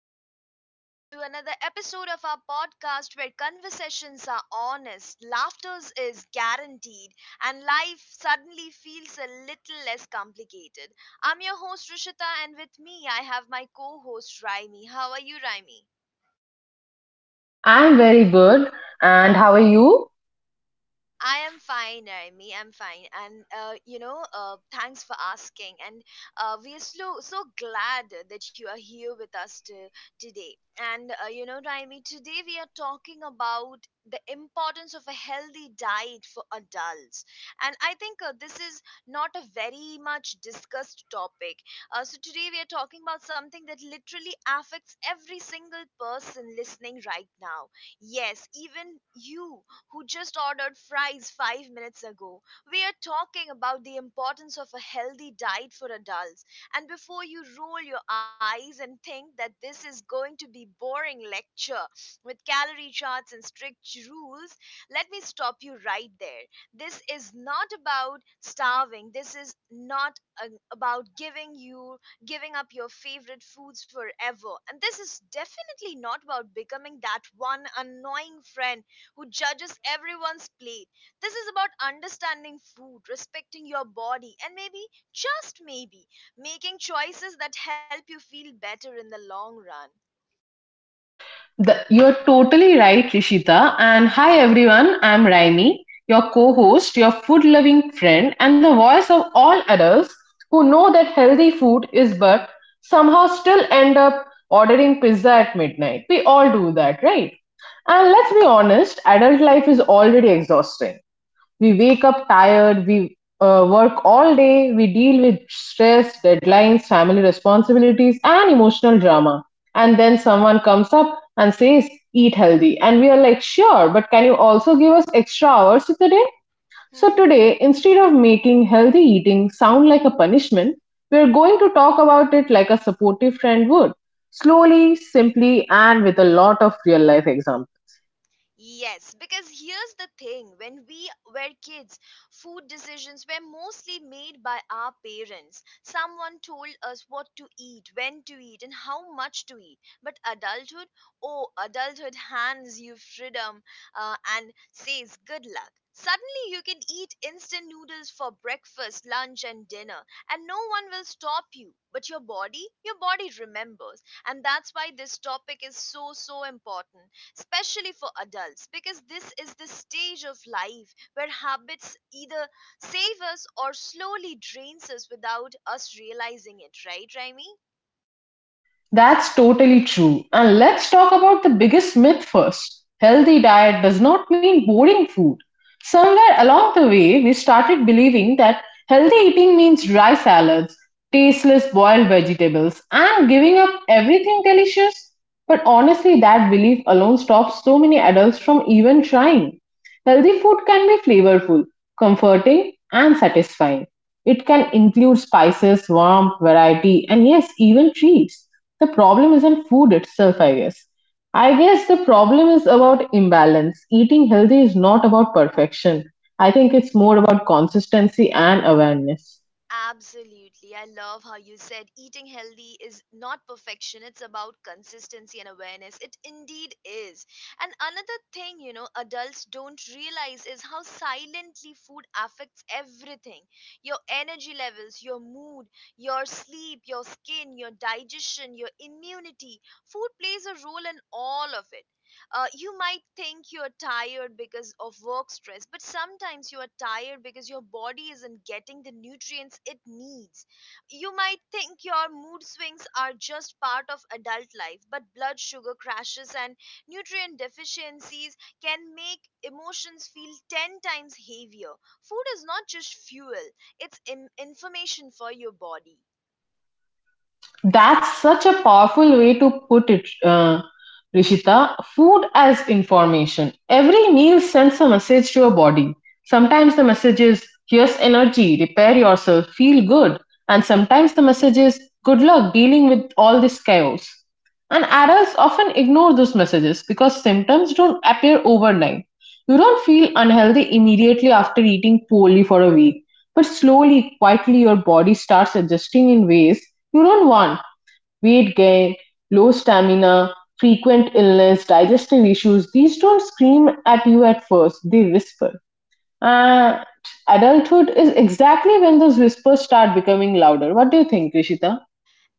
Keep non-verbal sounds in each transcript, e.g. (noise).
welcome back to another episode of our podcast where conversations are honest, laughter is guaranteed, and life suddenly feels a little less complicated. I'm your host Rishita, and with me I have my co host Raimi. How are you, Raimi? I'm very good. And how are you? I am fine, Naomi. I'm fine, and thanks for asking. And we are so glad that you are here with us to, today. And Naomi, today we are talking about the importance of a healthy diet for adults. And I think this is not a very much discussed topic. So today we are talking about something that literally affects every single person listening right now. Yes, even you who just ordered fries five minutes ago. We are talking about the importance of a healthy diet for adults. And before you roll your eyes and think that this is going to be boring lecture with calorie charts and strict rules, let me stop you right there. This is not about starving. This is not about giving up your favorite foods forever. And this is definitely not about becoming that one annoying friend who judges everyone's plate. This is about understanding food, respecting your body, and maybe, just maybe, making choices that help you feel better in the long run. You're totally right, Rishita. And hi, everyone. I'm Raimi, your co host, your food loving friend, and the voice of all adults who know that healthy food is but somehow still end up ordering pizza at midnight. We all do that, right? And let's be honest, adult life is already exhausting. We wake up tired, we work all day, we deal with stress, deadlines, family responsibilities, and emotional drama. And then someone comes up and says, "Eat healthy." And we are like, "Sure, but can you also give us extra hours today?" So (laughs) today, instead of making healthy eating sound like a punishment, we are going to talk about it like a supportive friend would, slowly, simply, and with a lot of real life examples. Yes, because here's the thing when we were kids, food decisions were mostly made by our parents. Someone told us what to eat, when to eat, and how much to eat. But adulthood, oh, adulthood hands you freedom and says good luck. Suddenly, you can eat instant noodles for breakfast, lunch, and dinner, and no one will stop you. But your body remembers. And that's why this topic is so important especially for adults, because this is the stage of life where habits either save us or slowly drains us without us realizing it, right, Raimi? That's totally true. And let's talk about the biggest myth first. Healthy diet does not mean boring food. Somewhere along the way, we started believing that healthy eating means dry salads, tasteless boiled vegetables, and giving up everything delicious. But honestly, that belief alone stops so many adults from even trying. Healthy food can be flavorful, comforting, and satisfying. It can include spices, warmth, variety, and yes, even treats. The problem isn't food itself, I guess. I guess the problem is about imbalance. Eating healthy is not about perfection. I think it's more about consistency and awareness. Absolutely. I love how you said eating healthy is not perfection. It's about consistency and awareness. It indeed is. And another thing, you know, adults don't realize is how silently food affects everything your energy levels, your mood, your sleep, your skin, your digestion, your immunity. Food plays a role in all of it. You might think you're tired because of work stress, but sometimes you are tired because your body isn't getting the nutrients it needs. You might think your mood swings are just part of adult life, but blood sugar crashes and nutrient deficiencies can make emotions feel 10 times heavier. Food is not just fuel, it's information for your body. That's such a powerful way to put it, Rishita. Food as information. Every meal sends a message to your body. Sometimes the message is, "Here's energy, repair yourself, feel good." And sometimes the message is, "Good luck dealing with all this chaos." And adults often ignore those messages because symptoms don't appear overnight. You don't feel unhealthy immediately after eating poorly for a week, but slowly, quietly, your body starts adjusting in ways. Turon one: weight gain, low stamina, frequent illness, digestive issues. These don't scream at you at first, they whisper. And adulthood is exactly when those whispers start becoming louder. What do you think, Rishita?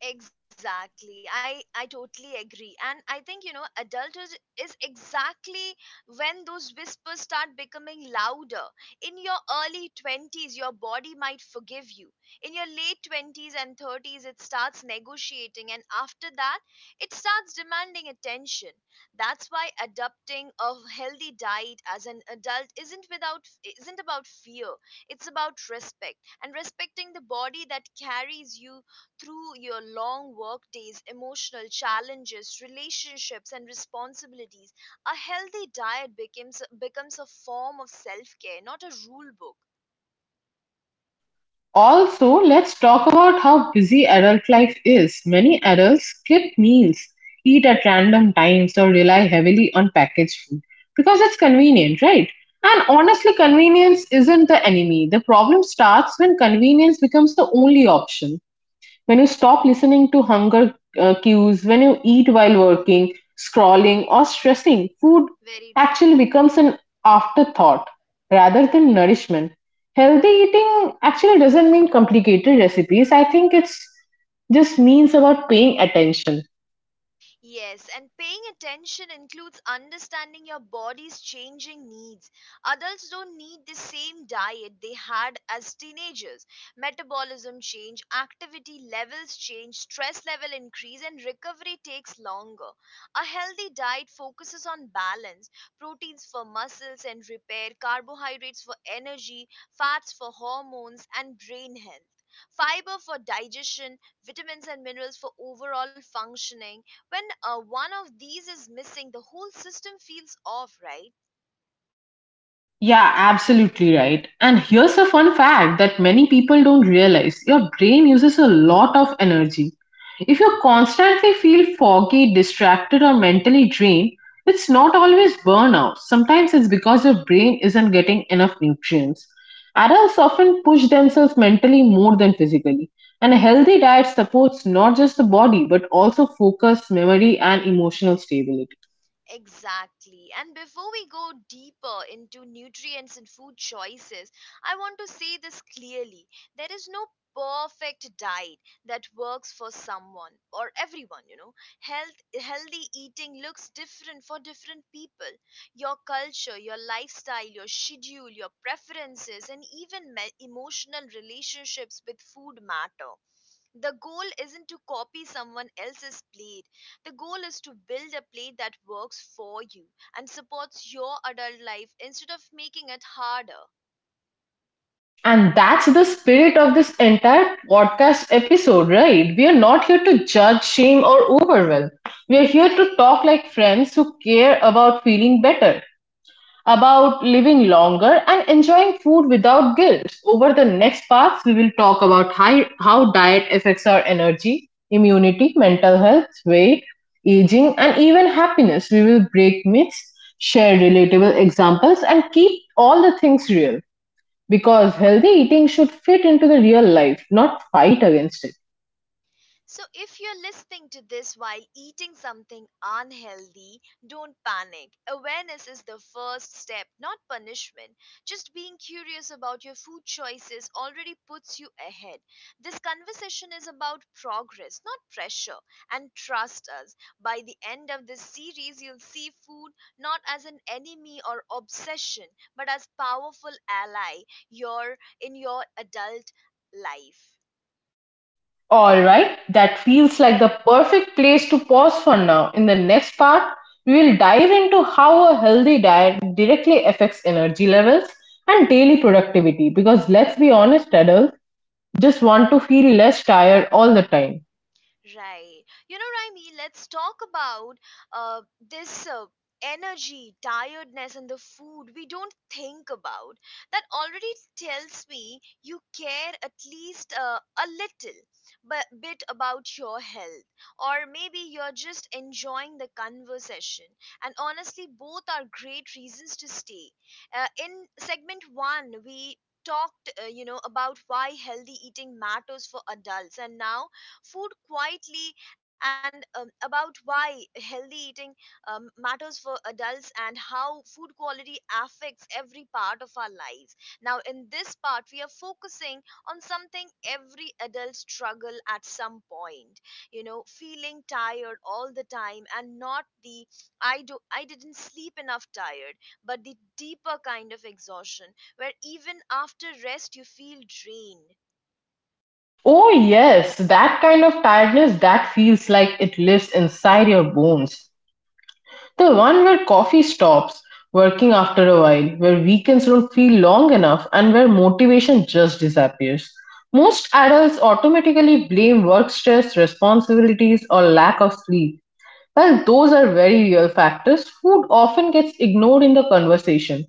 Exactly. I totally agree. And I think, you know, adulthood is exactly when those whispers start becoming louder. In your early 20s, your body might forgive you. In your late 20s and 30s, it starts negotiating. And after that, it starts demanding attention. That's why adopting a healthy diet as an adult isn't about fear. It's about respect and respecting the body that carries you through your long workdays, emotional challenges, relationships, and responsibilities, a healthy diet becomes a form of self-care, not a rule book. Also, let's talk about how busy adult life is. Many adults skip meals, eat at random times, or rely heavily on packaged food because it's convenient, right? And honestly, convenience isn't the enemy. The problem starts when convenience becomes the only option. When you stop listening to hunger cues, when you eat while Mhm. working, scrolling, or stressing, food Very true. actually becomes an afterthought rather than nourishment. Healthy eating actually doesn't mean complicated recipes. I think it's just means about paying attention. Yes, and paying attention includes understanding your body's changing needs. Adults don't need the same diet they had as teenagers. Metabolism change, activity levels change, stress level increase and recovery takes longer. A healthy diet focuses on balance, proteins for muscles and repair, carbohydrates for energy, fats for hormones and brain health. Fiber for digestion, vitamins and minerals for overall functioning, when one of these is missing, the whole system feels off, right? Yeah, absolutely right. And here's a fun fact that many people don't realize: your brain uses a lot of energy. If you constantly feel foggy, distracted, or mentally drained, it's not always burnout. Sometimes it's because your brain isn't getting enough nutrients. Adults often push themselves mentally more than physically, and a healthy diet supports not just the body but also focus, memory, and emotional stability. Exactly. And before we go deeper into nutrients and food choices, I want to say this clearly. There is no perfect diet that works for someone or everyone, you know. Healthy eating looks different for different people. Your culture, your lifestyle, your schedule, your preferences and even emotional relationships with food matter. The goal isn't to copy someone else's plate. The goal is to build a plate that works for you and supports your adult life instead of making it harder. And that's the spirit of this entire podcast episode, right? We are not here to judge, shame, or overwhelm. We are here to Right. talk like friends who care about feeling better, about living longer, and enjoying food without guilt. Over the next parts, we will talk about how diet affects our energy, immunity, mental health, weight, aging, and even happiness. We will break myths, share relatable examples, and keep all the things real. Because healthy eating should fit into the real life, not fight against it. So, if you're listening to this while eating something unhealthy, don't panic. Awareness is the first step, not punishment. Just being curious about your food choices already puts you ahead. This conversation is about progress, not pressure. And trust us, by the end of this series, you'll see food not as an enemy or obsession, but as powerful ally your in your adult life. Alright, that feels like the perfect place to pause for now. In the next part, we will dive into how a healthy diet directly affects energy levels and daily productivity. Because let's be honest, adults just want to feel less tired all the time. Right. You know, Raimi, let's talk about uh, this energy, tiredness, and the food we don't think about. That already tells me you care at least a little but bit about your health. Or maybe you're just enjoying the conversation. And honestly, both are great reasons to stay. In segment one, we talked you know about why healthy eating matters for adults and now food quietly and about why healthy eating matters for adults and how food quality affects every part of our lives. Now, in this part, we are focusing on something every adult struggle at some point. You know, feeling tired all the time and not the I didn't sleep enough tired, but the deeper kind of exhaustion where even after rest you feel drained. Oh yes, that kind of tiredness that feels like it lives inside your bones. The one where coffee stops working after a while, where weekends don't feel long enough, and where motivation just disappears. Most adults automatically blame work stress, responsibilities, or lack of sleep. While those are very real factors, food often gets ignored in the conversation.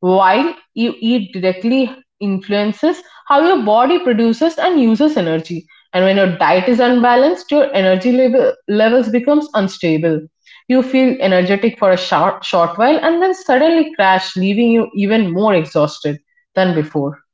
While you eat directly influences how your body produces and uses energy. And when your diet is unbalanced, your energy levels becomes unstable. You feel energetic for a short while and then suddenly crash, leaving you even more exhausted than before.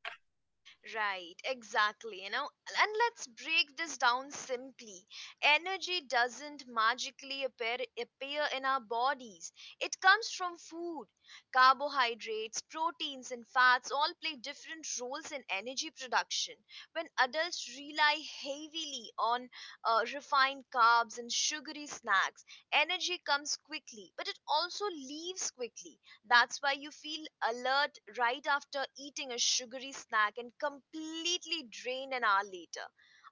Right, exactly. You know, and let's break this down simply. Energy doesn't appear in our bodies, it comes from food. Carbohydrates, proteins, and fats all play different roles in energy production. When adults rely heavily on refined carbs and sugary snacks, energy comes quickly, but it also leaves quickly. That's why you feel alert right after eating a sugary snack and completely drained an hour later.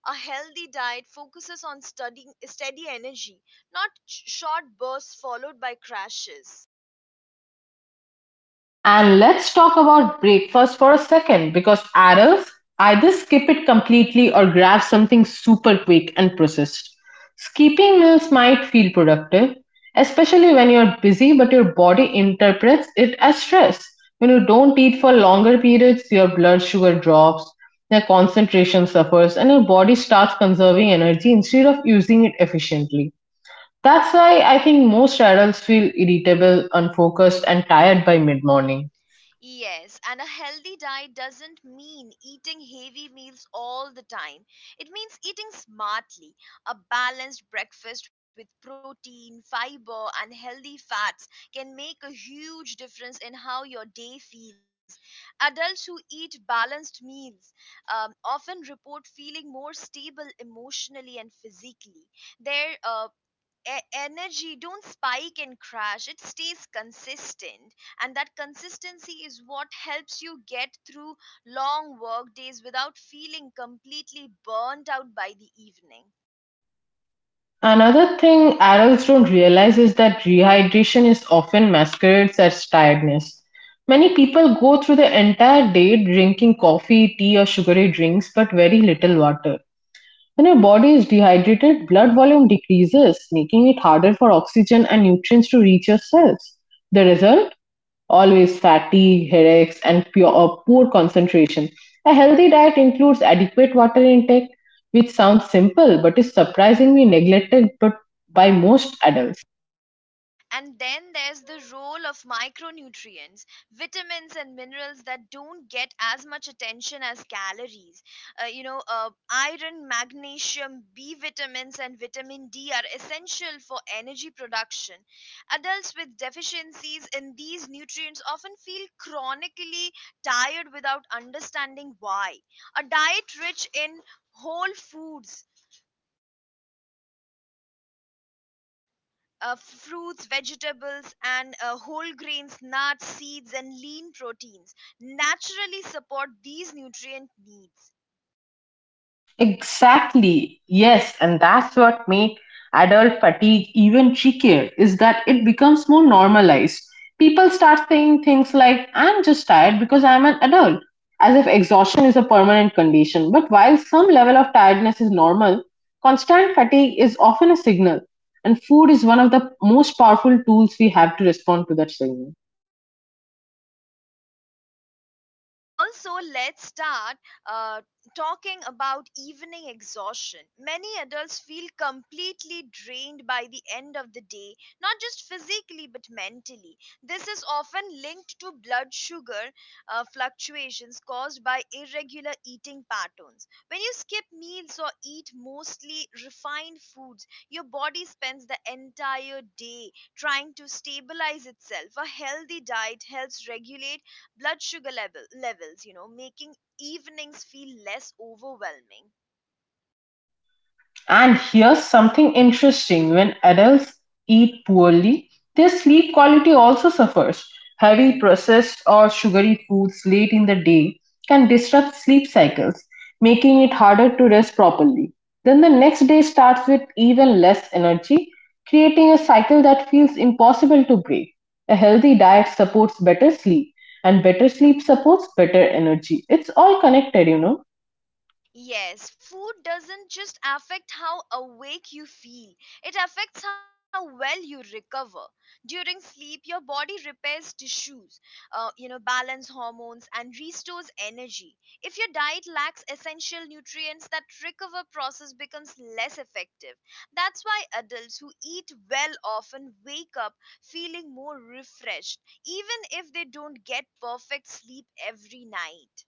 A healthy diet focuses on steady energy, not short bursts followed by crashes. And let's talk about breakfast for a second because adults either skip it completely or grab something super quick and processed. Skipping meals might feel productive, especially when you're busy, but your body interprets it as stress. When you don't eat for longer periods, your blood sugar drops, your concentration suffers, and your body starts conserving energy instead of using it efficiently. That's why I think most adults feel irritable, unfocused, and tired by mid morning. Yes, and a healthy diet doesn't mean eating heavy meals all the time. It means eating smartly. A balanced breakfast with protein, fiber, and healthy fats can make a huge difference in how your day feels. Adults who eat balanced meals often report feeling more stable emotionally and physically. Their energy don't spike and crash it stays consistent and that consistency is what helps you get through long work days without feeling completely burnt out by the evening. Another thing adults don't realize is that rehydration is often masquerades as tiredness. Many people go through the entire day drinking coffee, tea, or sugary drinks, but very little water. When your body is dehydrated, blood volume decreases, making it harder for oxygen and nutrients to reach your cells. The result? Always fatigue, headaches, and poor concentration. A healthy diet includes adequate water intake, which sounds simple but is surprisingly neglected but by most adults. And then there's the role of micronutrients, vitamins and minerals that don't get as much attention as calories. Iron, magnesium, B vitamins, and vitamin D are essential for energy production. Adults with deficiencies in these nutrients often feel chronically tired without understanding why. A diet rich in whole foods fruits, vegetables, and whole grains, nuts, seeds, and lean proteins naturally support these nutrient needs. Exactly. Yes, and that's what makes adult fatigue even trickier is that it becomes more normalized. People start saying things like, "I'm just tired because I'm an adult," as if exhaustion is a permanent condition. But while some level of tiredness is normal, constant fatigue is often a signal, and food is one of the most powerful tools we have to respond to that signal. Also, let's start uh, talking about evening exhaustion, many adults feel completely drained by the end of the day, not just physically but mentally. This is often linked to blood sugar fluctuations caused by irregular eating patterns. When you skip meals or eat mostly refined foods your body spends the entire day trying to stabilize itself. A healthy diet helps regulate blood sugar levels, you know, making evenings feel less overwhelming. And here's something interesting: when adults eat poorly, their sleep quality also suffers. Heavy processed or sugary foods late in the day can disrupt sleep cycles, making it harder to rest properly. Then the next day starts with even less energy, creating a cycle that feels impossible to break. A healthy diet supports better sleep, and better sleep supports better energy. It's all connected, you know. Yes, food doesn't just affect how awake you feel, it affects how well you recover. During sleep, your body repairs tissues, balance hormones, and restores energy. If your diet lacks essential nutrients, that recover process becomes less effective. That's why adults who eat well often wake up feeling more refreshed, even if they don't get perfect sleep every night.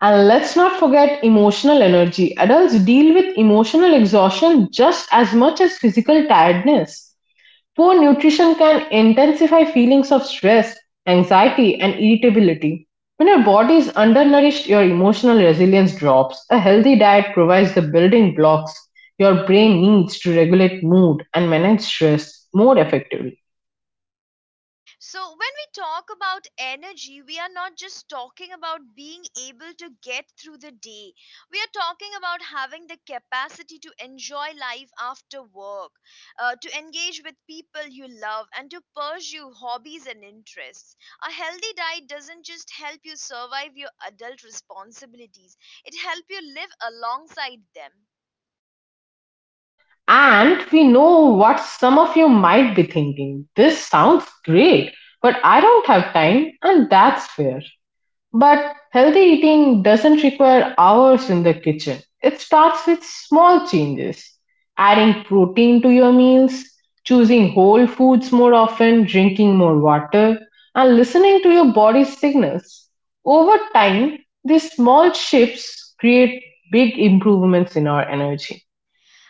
And let's not forget emotional energy. Adults deal with emotional exhaustion just as much as physical tiredness. Poor nutrition can intensify feelings of stress, anxiety, and irritability. When your body is undernourished, your emotional resilience drops. A healthy diet provides the building blocks your brain needs to regulate mood and manage stress more effectively. So, when we talk about energy, we are not just talking about being able to get through the day. We are talking about having the capacity to enjoy life after work, to engage with people you love, and to pursue hobbies and interests. A healthy diet doesn't just help you survive your adult responsibilities, it helps you live alongside them. And we know what some of you might be thinking: "This sounds great, but I don't have time," and that's fair. But healthy eating doesn't require hours in the kitchen. It starts with small changes. Adding protein to your meals, choosing whole foods more often, drinking more water, and listening to your body's signals. Over time, these small shifts create big improvements in our energy.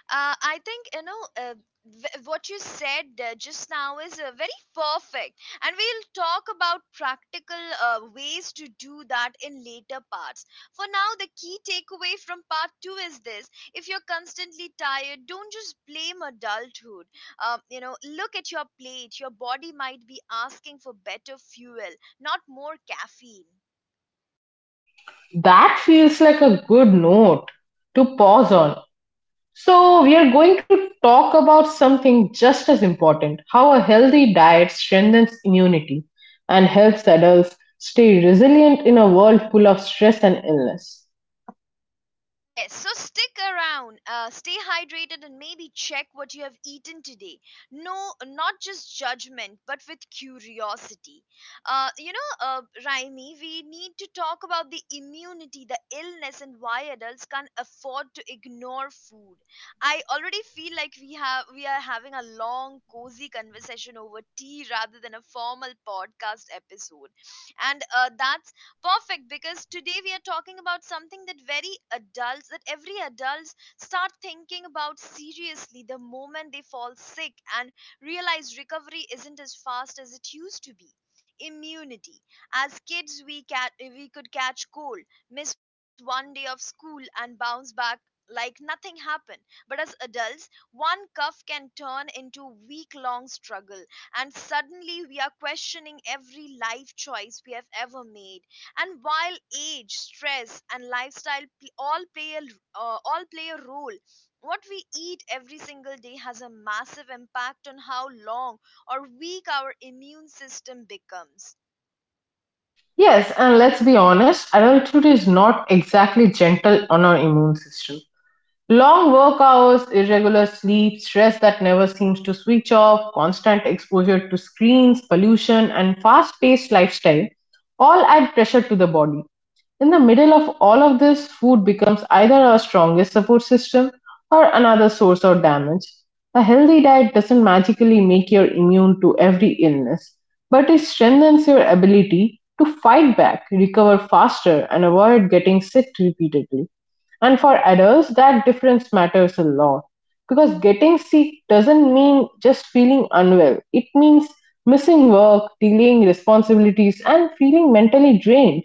I think what you said just now is very perfect, and we'll talk about practical ways to do that in later parts. For now, the key takeaway from part two is this: if you're constantly tired, don't just blame adulthood. Look at your plate. Your body might be asking for better fuel, not more caffeine. That feels like a good note to pause on. So we are going to talk about something just as important: how a healthy diet strengthens immunity and helps adults stay resilient in a world full of stress and illness. Yes, so stick around, stay hydrated, and maybe check what you have eaten today. No, not just judgment, but with curiosity. Raimi, we need to talk about the immunity, the illness, and why adults can't afford to ignore food. I already feel like we are having a long, cozy conversation over tea rather than a formal podcast episode, and that. Perfect, because today we are talking about something that every adults start thinking about seriously the moment they fall sick and realize recovery isn't as fast as it used to be. Immunity. As kids, we could catch cold, miss one day of school, and bounce back like nothing happened. But as adults, one cough can turn into week-long struggle, and suddenly we are questioning every life choice we have ever made. And while age stress and lifestyle all play a role, what we eat every single day has a massive impact on how long or weak our immune system becomes. Yes, and let's be honest, adulthood is not exactly gentle on our immune system. Long work hours, irregular sleep, stress that never seems to switch off, constant exposure to screens, pollution, and fast paced lifestyle all add pressure to the body. In the middle of all of this, food becomes either our strongest support system or another source of damage. A healthy diet doesn't magically make you immune to every illness, but it strengthens your ability to fight back, recover faster, and avoid getting sick repeatedly. And for adults, that difference matters a lot, because getting sick doesn't mean just feeling unwell, it means missing work, delaying responsibilities, and feeling mentally drained.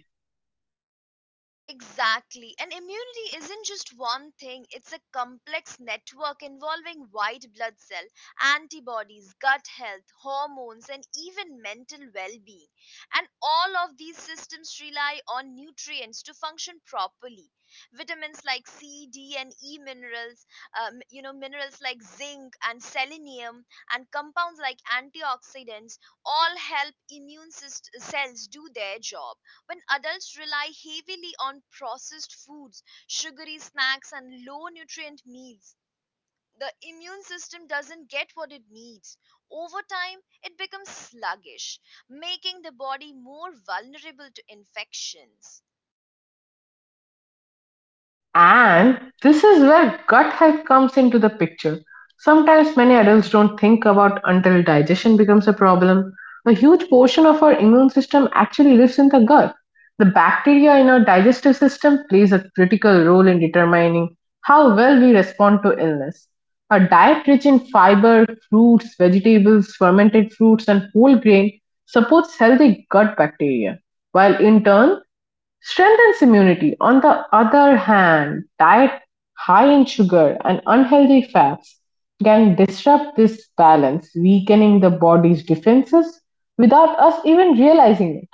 Exactly. And immunity isn't just one thing, it's a complex network involving white blood cell, antibodies, gut health, hormones, and even mental well being. And all of these systems rely on nutrients to function properly. Vitamins like C, D, and E minerals, minerals like zinc and selenium, and compounds like antioxidants all help cells do their job when adults rely heavily on processed foods, sugary snacks, and low nutrient meals, the immune system doesn't get what it needs. Over time, it becomes sluggish, making the body more vulnerable to infections. And this is where gut health comes into the picture. Sometimes many adults don't think about until digestion becomes a problem. A huge portion of our immune system actually lives in the gut. The bacteria in our digestive system plays a critical role in determining how well we respond to illness. A diet rich in fiber, fruits, vegetables, fermented fruits, and whole grain supports healthy gut bacteria, while in turn strengthens immunity. On the other hand, diet high in sugar and unhealthy fats can disrupt this balance, weakening the body's defenses without us even realizing it.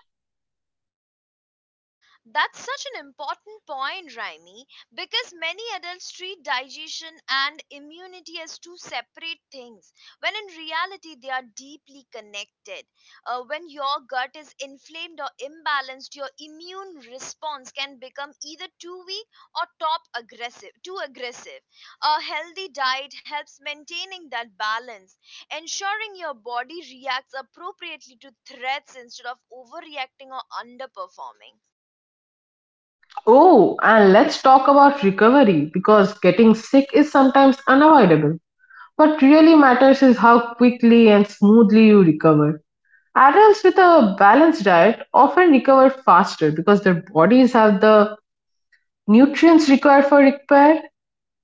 That's such an important point, Raimi, because many adults treat digestion and immunity as two separate things, when in reality they are deeply connected. When your gut is inflamed or imbalanced, your immune response can become either too weak or top aggressive, too aggressive. A healthy diet helps maintaining that balance, ensuring your body reacts appropriately to threats instead of overreacting or underperforming. Oh, and let's talk about recovery because getting sick is sometimes unavoidable. What really matters is how quickly and smoothly you recover. Adults with a balanced diet often recover faster because their bodies have the nutrients required for repair.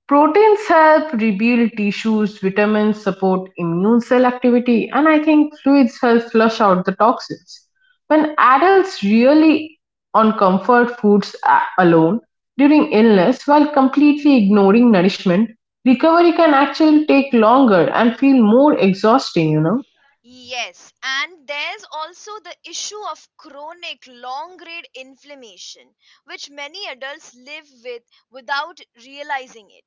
Proteins help rebuild tissues, vitamins support immune cell activity, and I think fluids help flush out the toxins. When adults rely on comfort foods alone during illness while completely ignoring nourishment, recovery can actually take longer and feel more exhausting, you know. Yes, and there's also the issue of chronic long grade inflammation, which many adults live with without realizing it.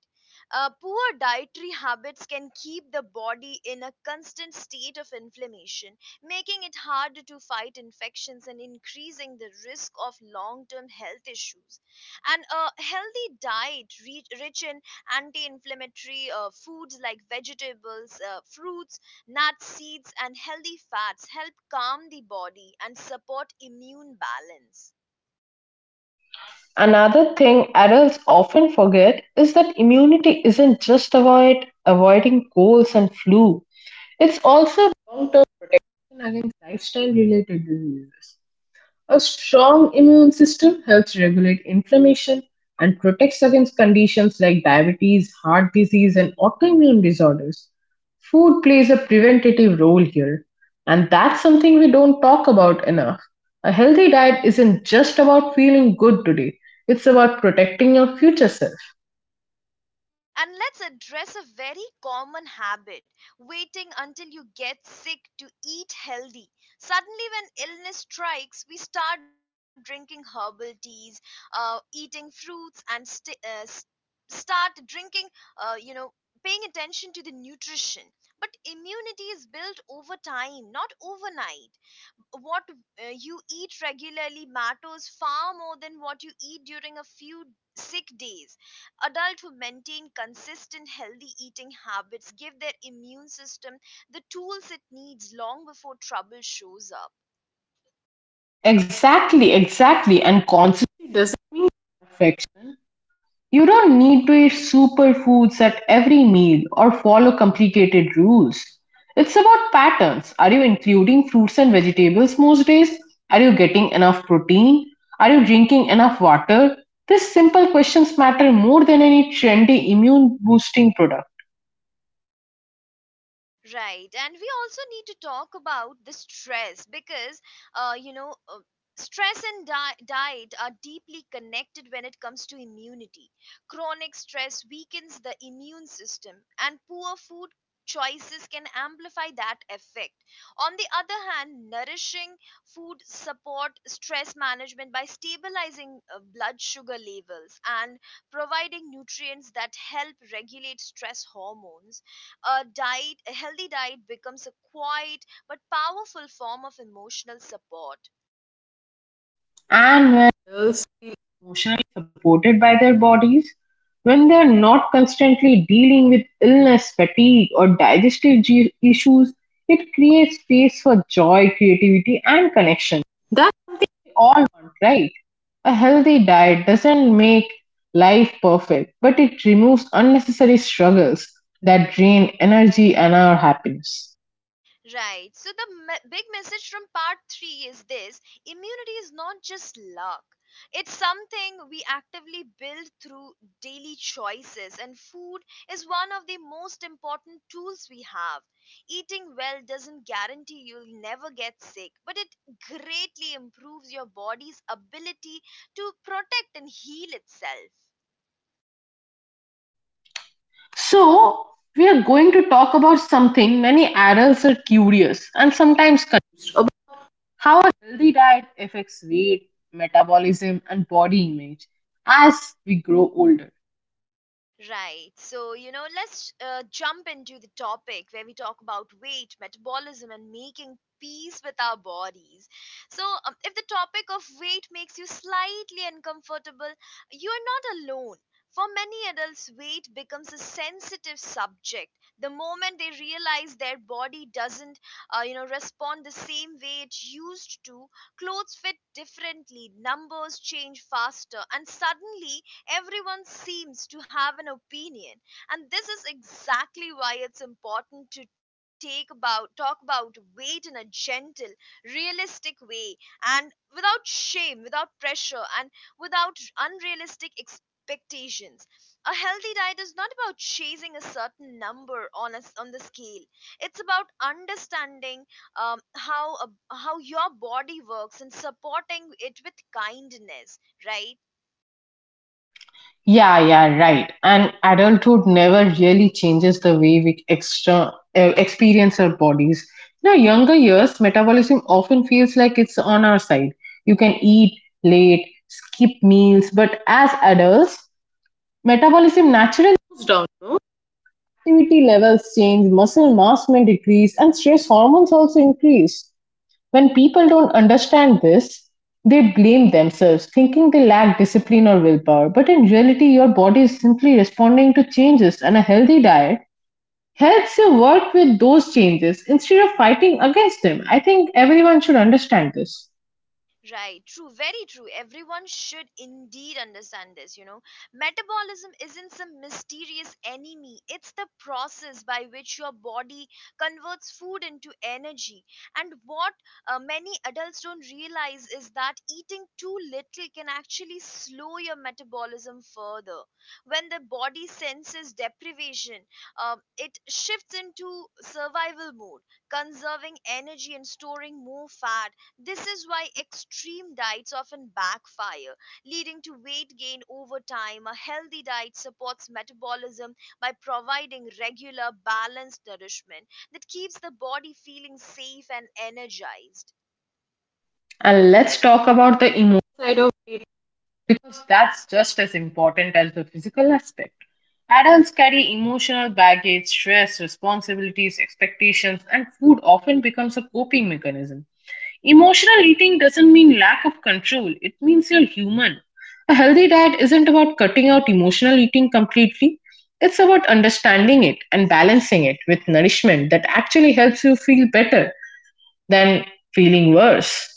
Poor dietary habits can keep the body in a constant state of inflammation, making it harder to fight infections and increasing the risk of long term health issues. And a healthy diet, rich in anti inflammatory foods like vegetables, fruits, nuts, seeds, and healthy fats help calm the body and support immune balance. Another thing adults often forget is that immunity isn't just about avoiding colds and flu. It's also long-term protection against lifestyle-related diseases. A strong immune system helps regulate inflammation and protects against conditions like diabetes, heart disease, and autoimmune disorders. Food plays a preventative role here, and that's something we don't talk about enough. A healthy diet isn't just about feeling good today, it's about protecting your future self. And let's address a very common habit, waiting until you get sick to eat healthy. Suddenly, when illness strikes, we start drinking herbal teas, eating fruits, and start drinking, uh, you know, paying attention to the nutrition. But immunity is built over time, not overnight. What you eat regularly matters far more than what you eat during a few sick days. Adults who maintain consistent healthy eating habits give their immune system the tools it needs long before trouble shows up. Exactly, exactly, and consciously doesn't mean perfection. You don't need to eat superfoods at every meal or follow complicated rules. It's about patterns. Are you including fruits and vegetables most days? Are you getting enough protein? Are you drinking enough water? These simple questions matter more than any trendy immune boosting product. Right. And we also need to talk about the stress because, uh, you know, uh, stress and diet are deeply connected when it comes to immunity. Chronic stress weakens the immune system, and poor food choices can amplify that effect. On the other hand, nourishing food support stress management by stabilizing blood sugar levels and providing nutrients that help regulate stress hormones. A diet a healthy diet becomes a quiet but powerful form of emotional support. And when girls feel emotionally supported by their bodies, when they are not constantly dealing with illness, fatigue, or digestive issues, it creates space for joy, creativity, and connection. That we all want, right? A healthy diet doesn't make life perfect, but it removes unnecessary struggles that drain energy and our happiness. Right, so the big message from part 3 is this: immunity is not just luck, it's something we actively build through daily choices, and food is one of the most important tools we have. Eating well doesn't guarantee you'll never get sick, but it greatly improves your body's ability to protect and heal itself. So, we are going to talk about something many adults are curious and sometimes confused about. How a healthy diet affects weight, metabolism, and body image as we grow older. Right. So, you know, let's jump into the topic where we talk about weight, metabolism, and making peace with our bodies. So, if the topic of weight makes you slightly uncomfortable, you're not alone. For many adults, weight becomes a sensitive subject. The moment they realize their body doesn't, respond the same way it used to, clothes fit differently, numbers change faster, and suddenly everyone seems to have an opinion, and this is exactly why it's important to take about talk about weight in a gentle, realistic way and without shame, without pressure, and without unrealistic expectations. A healthy diet is not about chasing a certain number on a, on the scale. It's about understanding um, how a, how your body works and supporting it with kindness, right? Yeah, yeah, right. And adulthood never really changes the way we experience our bodies. In our younger years, metabolism often feels like it's on our side. You can eat late, skip meals, but as adults, metabolism naturally goes down. No? Activity levels change, muscle mass may decrease, and stress hormones also increase. When people don't understand this, they blame themselves, thinking they lack discipline or willpower. But in reality, your body is simply responding to changes, and a healthy diet helps you work with those changes instead of fighting against them. I think everyone should understand this. Right, true, very true. Everyone should indeed understand this, you know. Metabolism isn't some mysterious enemy, it's the process by which your body converts food into energy. And what many adults don't realize is that eating too little can actually slow your metabolism further. When the body senses deprivation, it shifts into survival mode, conserving energy and storing more fat. This is why extreme diets often backfire, leading to weight gain over time. A healthy diet supports metabolism by providing regular, balanced nourishment that keeps the body feeling safe and energized. And let's talk about the emotional side of it because that's just as important as the physical aspect. Adults carry emotional baggage, stress, responsibilities, expectations, and food often becomes a coping mechanism. Emotional eating doesn't mean lack of control, it means you're human. A healthy diet isn't about cutting out emotional eating completely, it's about understanding it and balancing it with nourishment that actually helps you feel better than feeling worse.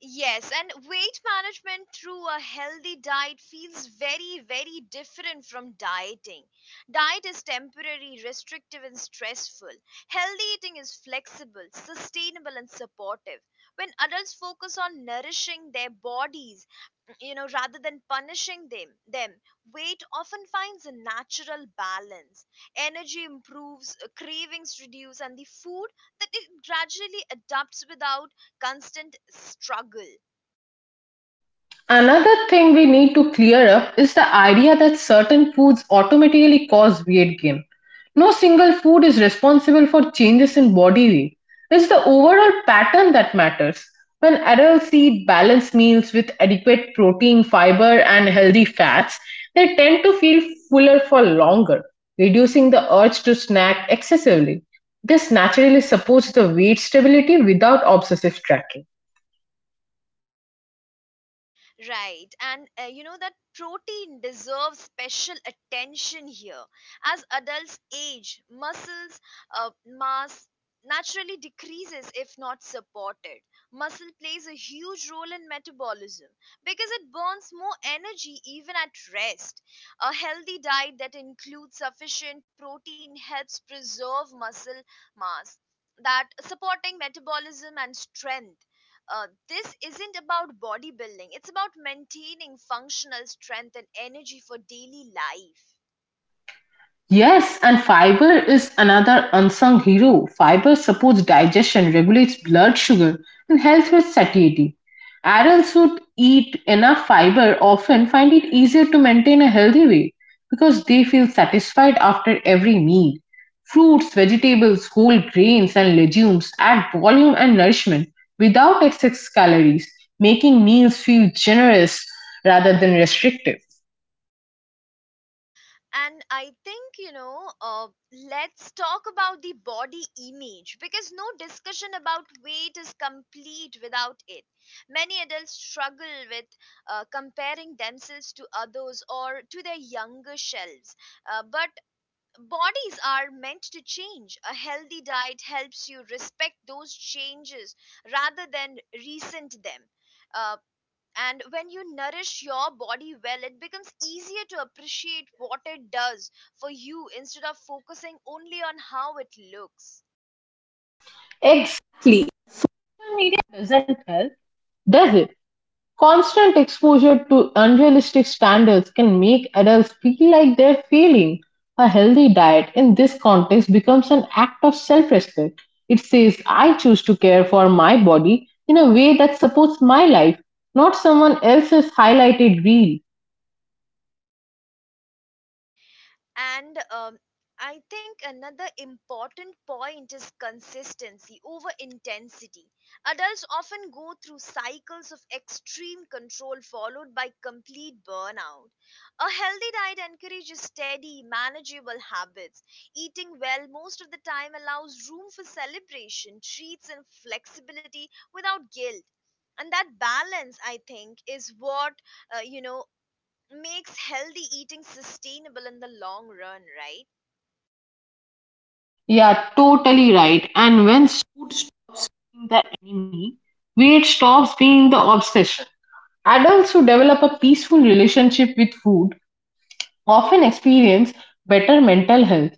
Yes, and weight management through a healthy diet feels very, very different from dieting. Diet is temporary, restrictive, and stressful. Healthy eating is flexible, sustainable, and supportive. When adults focus on nourishing their bodies, you know, rather than punishing them, weight often finds a natural balance. Energy improves, cravings reduce, and the food that it gradually adapts without constant struggle. Another thing we need to clear up is the idea that certain foods automatically cause weight gain. No single food is responsible for changes in body weight. It's the overall pattern that matters. When adults eat balanced meals with adequate protein, fiber, and healthy fats, they tend to feel fuller for longer, reducing the urge to snack excessively. This naturally supports the weight stability without obsessive tracking. Right, and you know that protein deserves special attention here. As adults age muscles mass naturally decreases if not supported. Muscle plays a huge role in metabolism because it burns more energy even at rest. A healthy diet that includes sufficient protein helps preserve muscle mass, that supporting metabolism and strength. This isn't about bodybuilding, it's about maintaining functional strength and energy for daily life. Yes, and fiber is another unsung hero. Fiber supports digestion, regulates blood sugar, and helps with satiety. Adults who eat enough fiber often find it easier to maintain a healthy weight because they feel satisfied after every meal. Fruits, vegetables, whole grains, and legumes add volume and nourishment without excess calories, making meals feel generous rather than restrictive. And I think you know, let's talk about the body image because no discussion about weight is complete without it. Many adults struggle with comparing themselves to others or to their younger selves, but bodies are meant to change. A healthy diet helps you respect those changes rather than resent them. Uh, and when you nourish your body well, it becomes easier to appreciate what it does for you instead of focusing only on how it looks. Exactly. Social media doesn't help, does it? Constant exposure to unrealistic standards can make adults feel like they're failing. A healthy diet in this context becomes an act of self respect. It says, I choose to care for my body in a way that supports my life, not someone else's highlighted reel. And I think another important point is consistency over intensity. Adults often go through cycles of extreme control followed by complete burnout. A healthy diet encourages steady, manageable habits. Eating well most of the time allows room for celebration, treats, and flexibility without guilt. And that balance, I think, is what uh, you know makes healthy eating sustainable in the long run, right? Yeah, totally right. And when food stops being the enemy, weight stops being the obsession. Adults who develop a peaceful relationship with food often experience better mental health,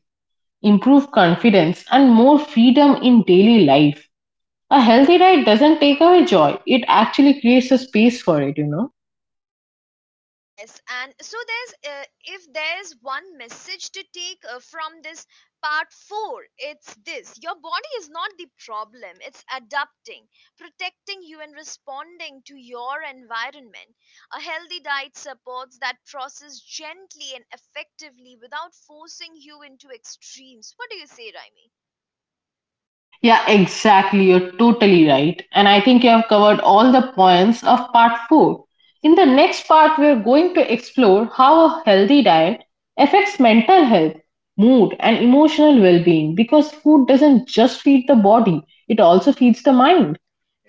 improve confidence, and more freedom in daily life. A healthy diet doesn't take away joy, it actually creates a space for it, you know. Yes, and so there's if there's one message to take from this part 4, it's this: your body is not the problem, it's adapting, protecting you, and responding to your environment. A healthy diet supports that process gently and effectively without forcing you into extremes. What do you say, Raimi? Yeah, exactly. You're totally right. And I think you have covered all the points of part 4. In the next part, we are going to explore how a healthy diet affects mental health, mood, and emotional well being because food doesn't just feed the body, it also feeds the mind.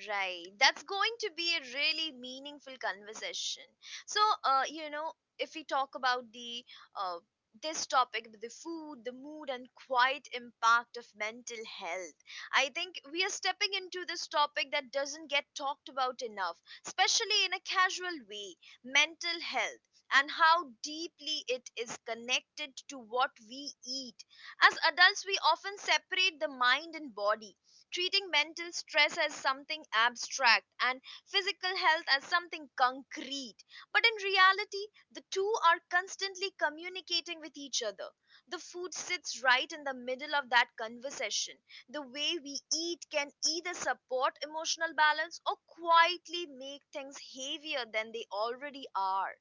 Right. That's going to be a really meaningful conversation. So, if we talk about the uh, this topic, the food, the mood, and quiet impact of mental health, I think we are stepping into this topic that doesn't get talked about enough, especially in a casual way. Mental health and how deeply it is connected to what we eat. As adults, we often separate the mind and body, treating mental stress as something abstract and physical health as something concrete. But in reality, the two are constantly communicating with each other. The food sits right in the middle of that conversation. The way we eat can either support emotional balance or quietly make things heavier than they already are.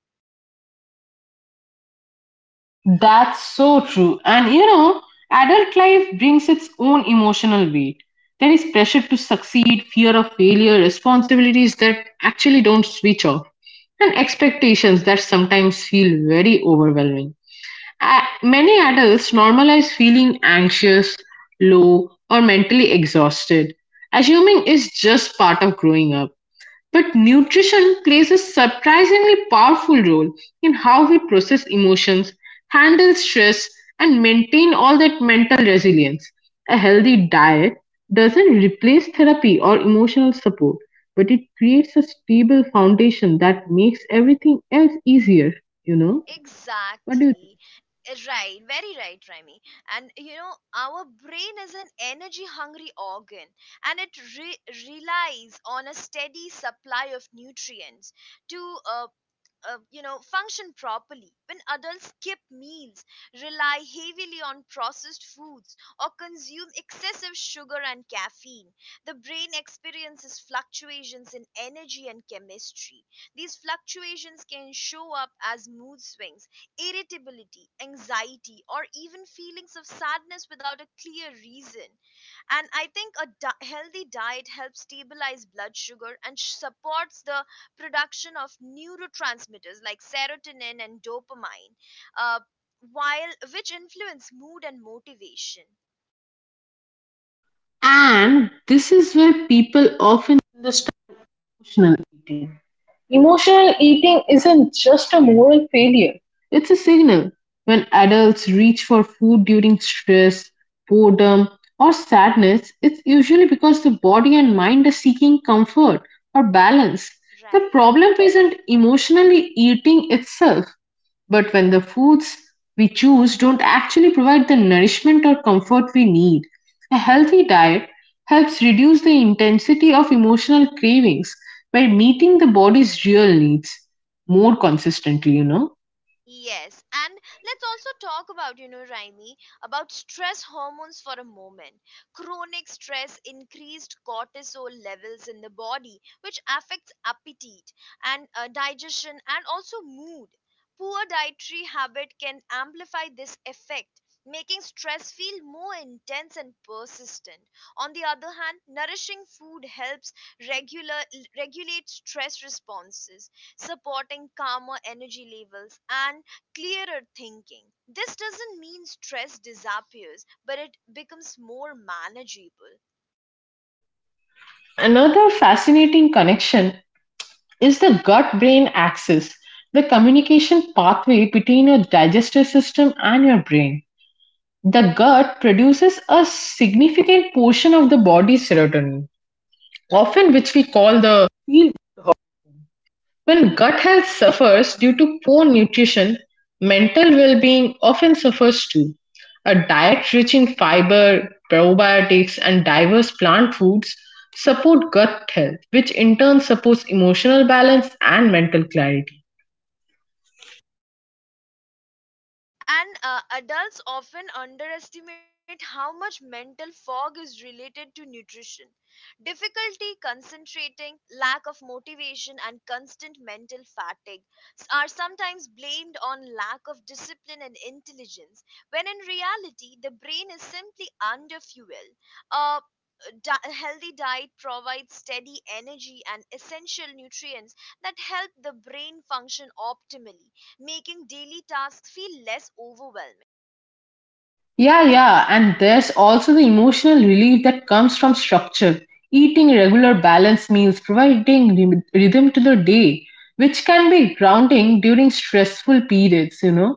That's so true. And you know, adult life brings its own emotional weight. There is pressure to succeed, fear of failure, responsibilities that actually don't switch off, and expectations that sometimes feel very overwhelming. Many adults normalize feeling anxious, low, or mentally exhausted, assuming it's just part of growing up. But nutrition plays a surprisingly powerful role in how we process emotions, handle stress, and maintain all that mental resilience. A healthy diet doesn't replace therapy or emotional support, but it creates a stable foundation that makes everything else easier, you know? What do you think? Exactly. Right, very right, Remy. And you know, our brain is an energy hungry organ and it relies on a steady supply of nutrients to, function properly. When adults skip meals, rely heavily on processed foods, or consume excessive sugar and caffeine, the brain experiences fluctuations in energy and chemistry. These fluctuations can show up as mood swings, irritability, anxiety, or even feelings of sadness without a clear reason. And I think a healthy diet helps stabilize blood sugar and supports the production of neurotransmitters like serotonin and dopamine, uh, while which influence mood and motivation. And this is where people often misunderstand emotional eating. Emotional eating isn't just a moral failure, it's a signal. When adults reach for food during stress, boredom, or sadness, it's usually because the body and mind are seeking comfort or balance. The Right. problem isn't emotionally eating itself, but when the foods we choose don't actually provide the nourishment or comfort we need, a healthy diet helps reduce the intensity of emotional cravings by meeting the body's real needs more consistently, you know. Yes, and let's also talk about, you know, Raimi, about stress hormones for a moment. Chronic stress increased cortisol levels in the body, which affects appetite and digestion and also mood. Poor dietary habit can amplify this effect, making stress feel more intense and persistent. On the other hand, nourishing food helps regular, regulate stress responses, supporting calmer energy levels and clearer thinking. This doesn't mean stress disappears, but it becomes more manageable. Another fascinating connection is the gut brain axis, the communication pathway between your digestive system and your brain. The gut produces a significant portion of the body's serotonin, often which we call the field. When gut health suffers due to poor nutrition, mental well being often suffers too. A diet rich in fiber, probiotics, and diverse plant foods support gut health, which in turn supports emotional balance and mental clarity. And adults often underestimate how much mental fog is related to nutrition. Difficulty concentrating, lack of motivation, and constant mental fatigue are sometimes blamed on lack of discipline and intelligence, when in reality, the brain is simply under fuel. Uh, a healthy diet provides steady energy and essential nutrients that help the brain function optimally, making daily tasks feel less overwhelming. Yeah, yeah, and there's also the emotional relief that comes from structure. Eating regular balanced meals, providing rhythm to the day, which can be grounding during stressful periods, you know.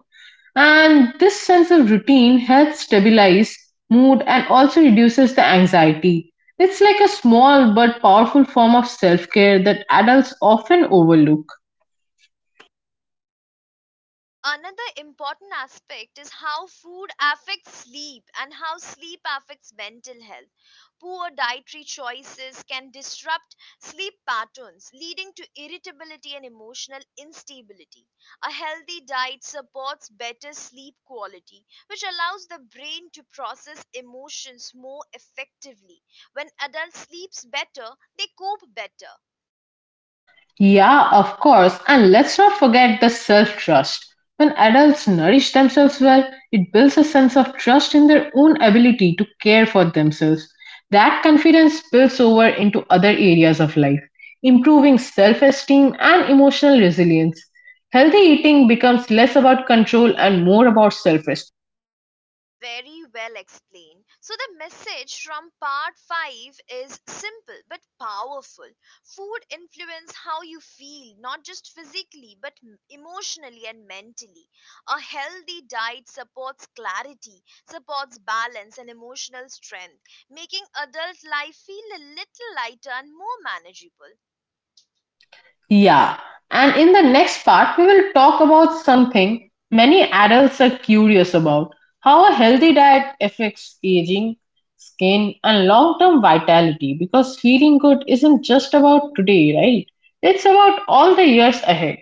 And this sense of routine helps stabilize mood and also reduces the anxiety. It's like a small but powerful form of self care that adults often overlook. Another important aspect is how food affects sleep and how sleep affects mental health. Poor dietary choices can disrupt sleep patterns, leading to irritability and emotional instability. A healthy diet supports better sleep quality, which allows the brain to process emotions more effectively. When adults sleeps better, they cope better. Yeah, of course. And let's not forget the self trust. When adults nourish themselves well, it builds a sense of trust in their own ability to care for themselves. That confidence spills over into other areas of life, improving self esteem and emotional resilience. Healthy eating becomes less about control and more about self. Very well explained. So, the message from part 5 is simple but powerful. Food influences how you feel, not just physically but emotionally and mentally. A healthy diet supports clarity, supports balance and emotional strength, making adult life feel a little lighter and more manageable. Yeah, and in the next part, we will talk about something many adults are curious about: how a healthy diet affects aging, skin, and long term vitality. Because feeling good isn't just about today, right? It's about all the years ahead.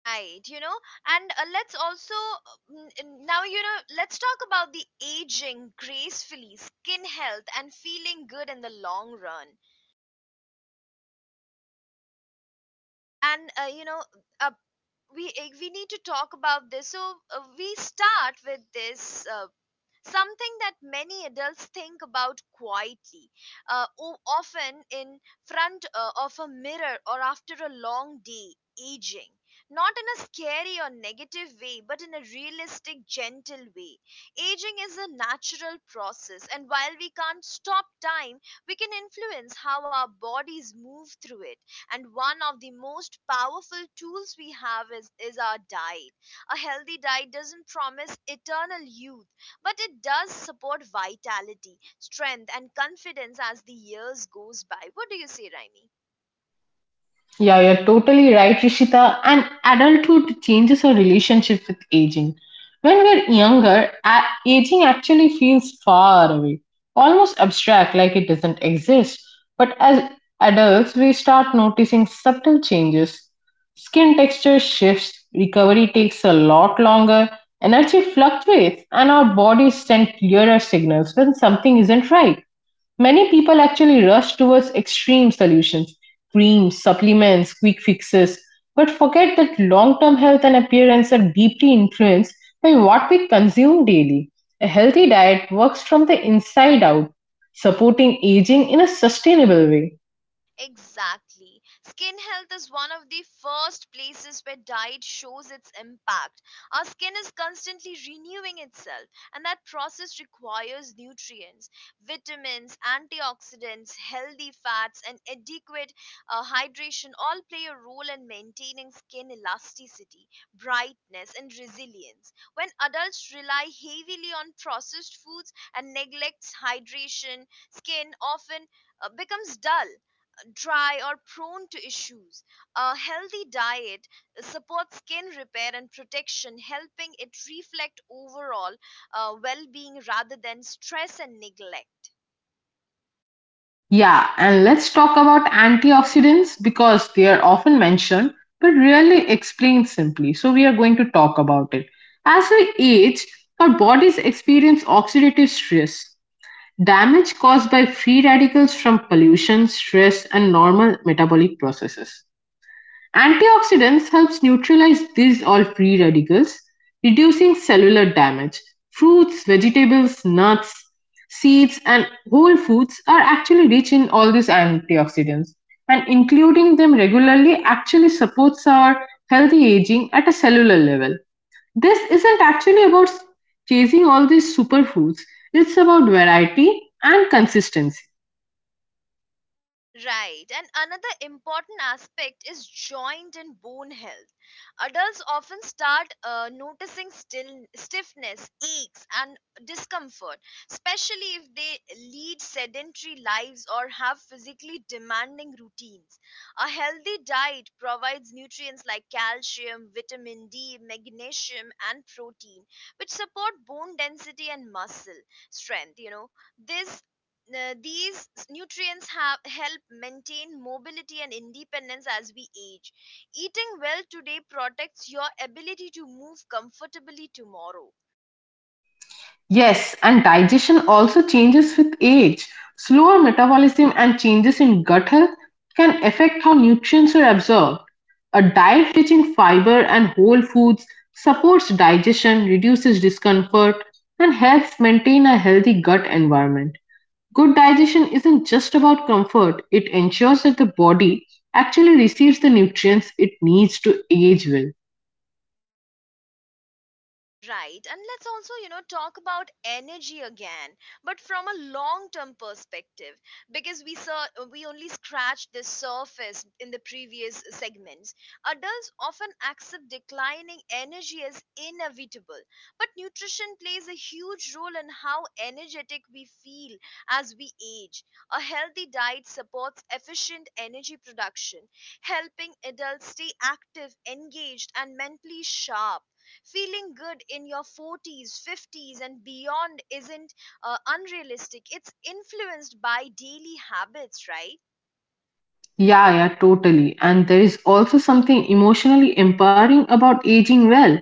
Right, you know, and let's also now let's talk about the aging gracefully, skin health, and feeling good in the long run. And uh, you know, uh, we we need to talk about this. So we start with this. Something that many adults think about quietly, often in front of a mirror or after a long day, aging. Not in a scary or negative way, but in a realistic, gentle way. Aging is a natural process, and while we can't stop time, we can influence how our bodies move through it. And one of the most powerful tools we have is our diet. A healthy diet doesn't promise eternal youth, but it does support vitality, strength, and confidence as the years goes by. What do you say, Raimi? Yeah, you're totally right, Rishita. And adulthood changes our relationship with aging. When we're younger, aging actually feels far away, almost abstract, like it doesn't exist. But as adults, we start noticing subtle changes. Skin texture shifts, recovery takes a lot longer, energy fluctuates, and our bodies send clearer signals when something isn't right. Many people actually rush towards extreme solutions, creams, supplements, quick fixes, but forget that long-term health and appearance are deeply influenced by what we consume daily. A healthy diet works from the inside out, supporting aging in a sustainable way. Exactly. Skin health is one of the first places where diet shows its impact. Our skin is constantly renewing itself, and that process requires nutrients, vitamins, antioxidants, healthy fats, and adequate hydration all play a role in maintaining skin elasticity, brightness, and resilience. When adults rely heavily on processed foods and neglects hydration, skin often becomes dull, dry, or prone to issues. A healthy diet supports skin repair and protection, helping it reflect overall well being rather than stress and neglect. Yeah, and let's talk about antioxidants because they are often mentioned but rarely explained simply. So, we are going to talk about it. As we age, our bodies experience oxidative stress, damage caused by free radicals from pollution, stress, and normal metabolic processes. Antioxidants helps neutralize these all free radicals, reducing cellular damage. Fruits, vegetables, nuts, seeds, and whole foods are actually rich in all these antioxidants, and including them regularly actually supports our healthy aging at a cellular level. This isn't actually about chasing all these superfoods, it's about variety and consistency. Right. And another important aspect is joint and bone health. Adults often start noticing still, stiffness, aches, and discomfort, especially if they lead sedentary lives or have physically demanding routines. A healthy diet provides nutrients like calcium, vitamin D, magnesium, and protein, which support bone density and muscle strength. You know, this nutrients have help maintain mobility and independence as we age. Eating well today protects your ability to move comfortably tomorrow. Yes, and digestion also changes with age. Slower metabolism and changes in gut health can affect how nutrients are absorbed. A diet rich in fiber and whole foods supports digestion, reduces discomfort, and helps maintain a healthy gut environment. Good digestion isn't just about comfort, it ensures that the body actually receives the nutrients it needs to age well. Right. And let's also, you know, talk about energy again, but from a long-term perspective, because we only scratched the surface in the previous segments. Adults often accept declining energy as inevitable, but nutrition plays a huge role in how energetic we feel as we age. A healthy diet supports efficient energy production, helping adults stay active, engaged, and mentally sharp. Feeling good in your 40s, 50s, and beyond isn't unrealistic. It's influenced by daily habits, right? Yeah, yeah, totally. And there is also something emotionally empowering about aging well.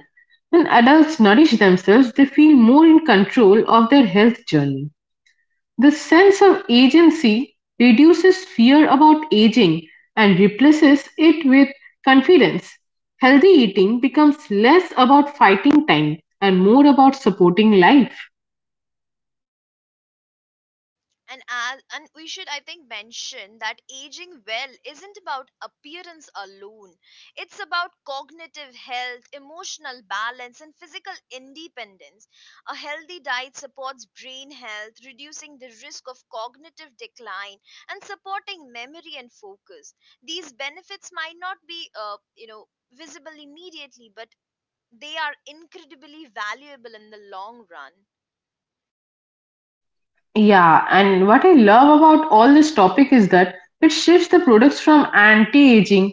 When adults nourish themselves, they feel more in control of their health journey. This sense of agency reduces fear about aging and replaces it with confidence. Healthy eating becomes less about fighting time and more about supporting life. And we should, I think, mention that aging well isn't about appearance alone. It's about cognitive health, emotional balance, and physical independence. A healthy diet supports brain health, reducing the risk of cognitive decline and supporting memory and focus. These benefits might not be visible immediately, but they are incredibly valuable in the long run. Yeah, and what I love about all this topic is that it shifts the products from anti-aging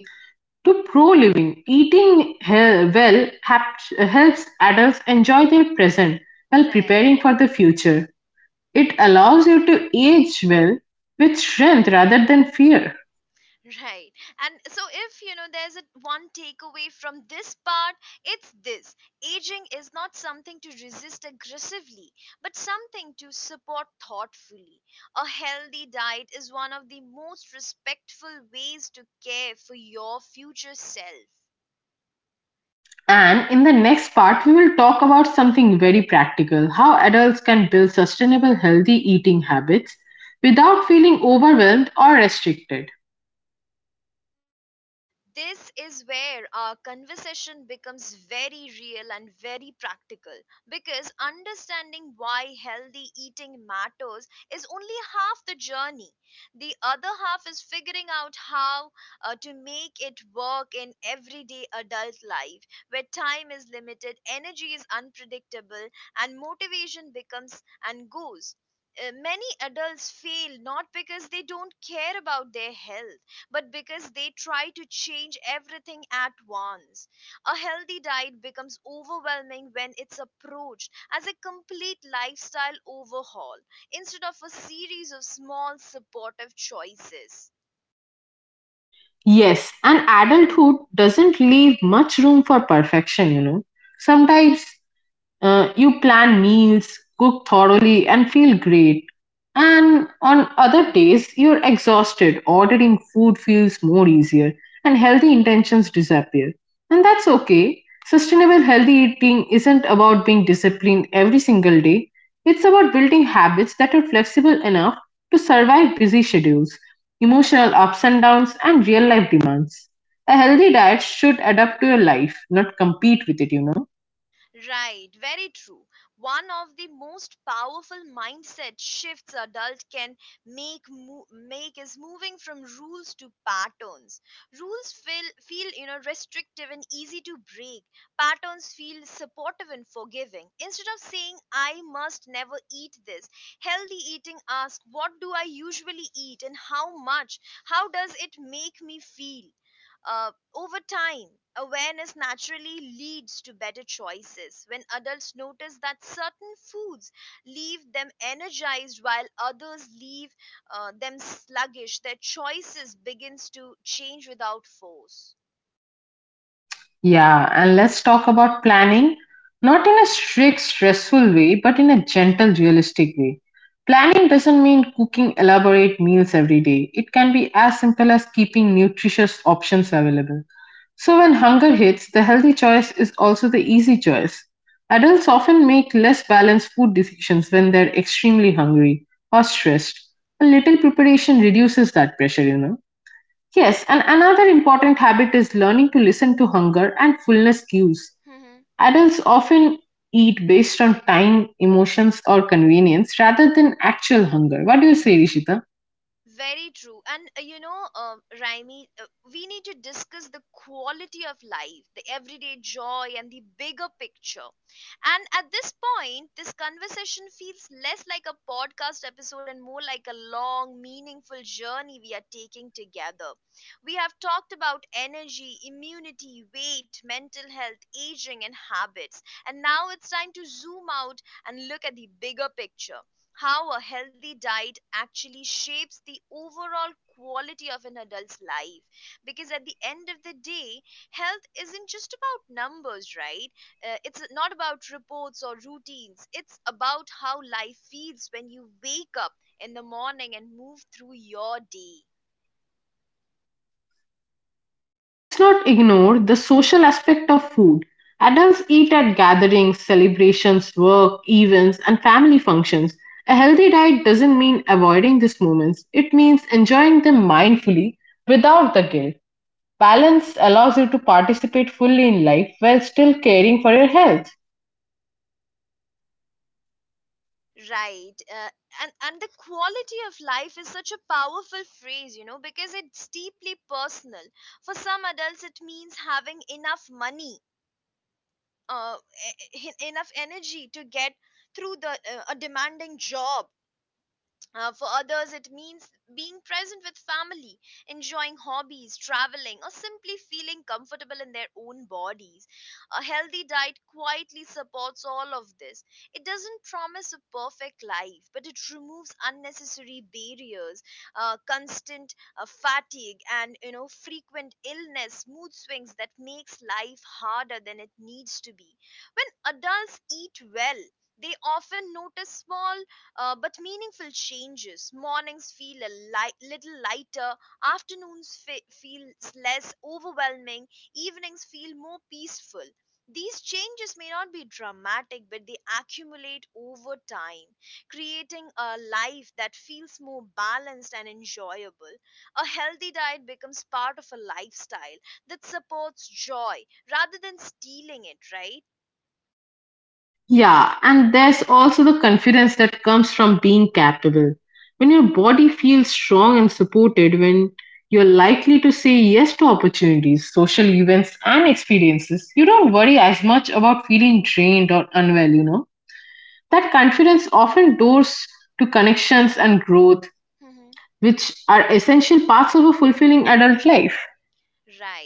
to pro-living. Eating well helps adults enjoy their present while preparing right for the future. It allows you to age well with strength rather than fear. Right. And so, if you know there's a one takeaway from this part, it's this: aging is not something to resist aggressively, but something to support thoughtfully. A healthy diet is one of the most respectful ways to care for your future self. And in the next part, we will talk about something very practical: how adults can build sustainable, healthy eating habits without feeling overwhelmed or restricted. This is where our conversation becomes very real and very practical, because understanding why healthy eating matters is only half the journey. The other half is figuring out how to make it work in everyday adult life where time is limited, energy is unpredictable, and motivation becomes and goes. Many adults fail not because they don't care about their health, but because they try to change everything at once. A healthy diet becomes overwhelming when it's approached as a complete lifestyle overhaul instead of a series of small supportive choices. Yes, and adulthood doesn't leave much room for perfection, you know. Sometimes you plan meals, cook thoroughly, and feel great. And on other days, you're exhausted, ordering food feels more easier, and healthy intentions disappear. And that's okay. Sustainable healthy eating isn't about being disciplined every single day, it's about building habits that are flexible enough to survive busy schedules. Emotional ups and downs and real life demands. A healthy diet should adapt to your life, not compete with it, you know. Right, very true. One of the most powerful mindset shifts adult can make is moving from rules to patterns. Rules feel you know restrictive and easy to break. Patterns feel supportive and forgiving. Instead of saying I must never eat this, healthy eating asks what do I usually eat and how much? How does it make me feel? Over time, awareness naturally leads to better choices. When adults notice that certain foods leave them energized while others leave them sluggish, their choices begins to change without force. Yeah, and let's talk about planning, not in a strict, stressful way, but in a gentle, realistic way. Planning doesn't mean cooking elaborate meals every day. It can be as simple as keeping nutritious options available. So when hunger hits, the healthy choice is also the easy choice. Adults often make less balanced food decisions when they're extremely hungry or stressed. A little preparation reduces that pressure, you know. Yes, and another important habit is learning to listen to hunger and fullness cues. Adults often eat based on time, emotions, or convenience rather than actual hunger. What do you say, Rishita? Very true. Raimi, we need to discuss the quality of life, the everyday joy, and the bigger picture. And at this point, this conversation feels less like a podcast episode and more like a long, meaningful journey we are taking together. We have talked about energy, immunity, weight, mental health, aging, and habits. And now it's time to zoom out and look at the bigger picture: how a healthy diet actually shapes the overall quality of an adult's life. Because at the end of the day, health isn't just about numbers, right? It's not about reports or routines. It's about how life feels when you wake up in the morning and move through your day. Let's not ignore the social aspect of food. Adults eat at gatherings, celebrations, work, events, and family functions. A healthy diet doesn't mean avoiding these moments, it means enjoying them mindfully without the guilt. Balance allows you to participate fully in life while still caring for your health. right uh, and the quality of life is such a powerful phrase, you know, because it's deeply personal. For some adults, it means having enough money, uh, enough energy to get through the a demanding job. For others, it means being present with family, enjoying hobbies, traveling, or simply feeling comfortable in their own bodies. A healthy diet quietly supports all of this. It doesn't promise a perfect life, but it removes unnecessary barriers, constant fatigue, and you know frequent illness, mood swings that makes life harder than it needs to be. When adults eat well, they often notice small but meaningful changes. Mornings feel little lighter, afternoons feel less overwhelming, evenings feel more peaceful. These changes may not be dramatic, but they accumulate over time, creating a life that feels more balanced and enjoyable. A healthy diet becomes part of a lifestyle that supports joy rather than stealing it, right? Yeah, and there's also the confidence that comes from being capable. When your body feels strong and supported, when you're likely to say yes to opportunities, social events, and experiences, you don't worry as much about feeling drained or unwell, you know. That confidence often doors to connections and growth, which are essential parts of a fulfilling adult life.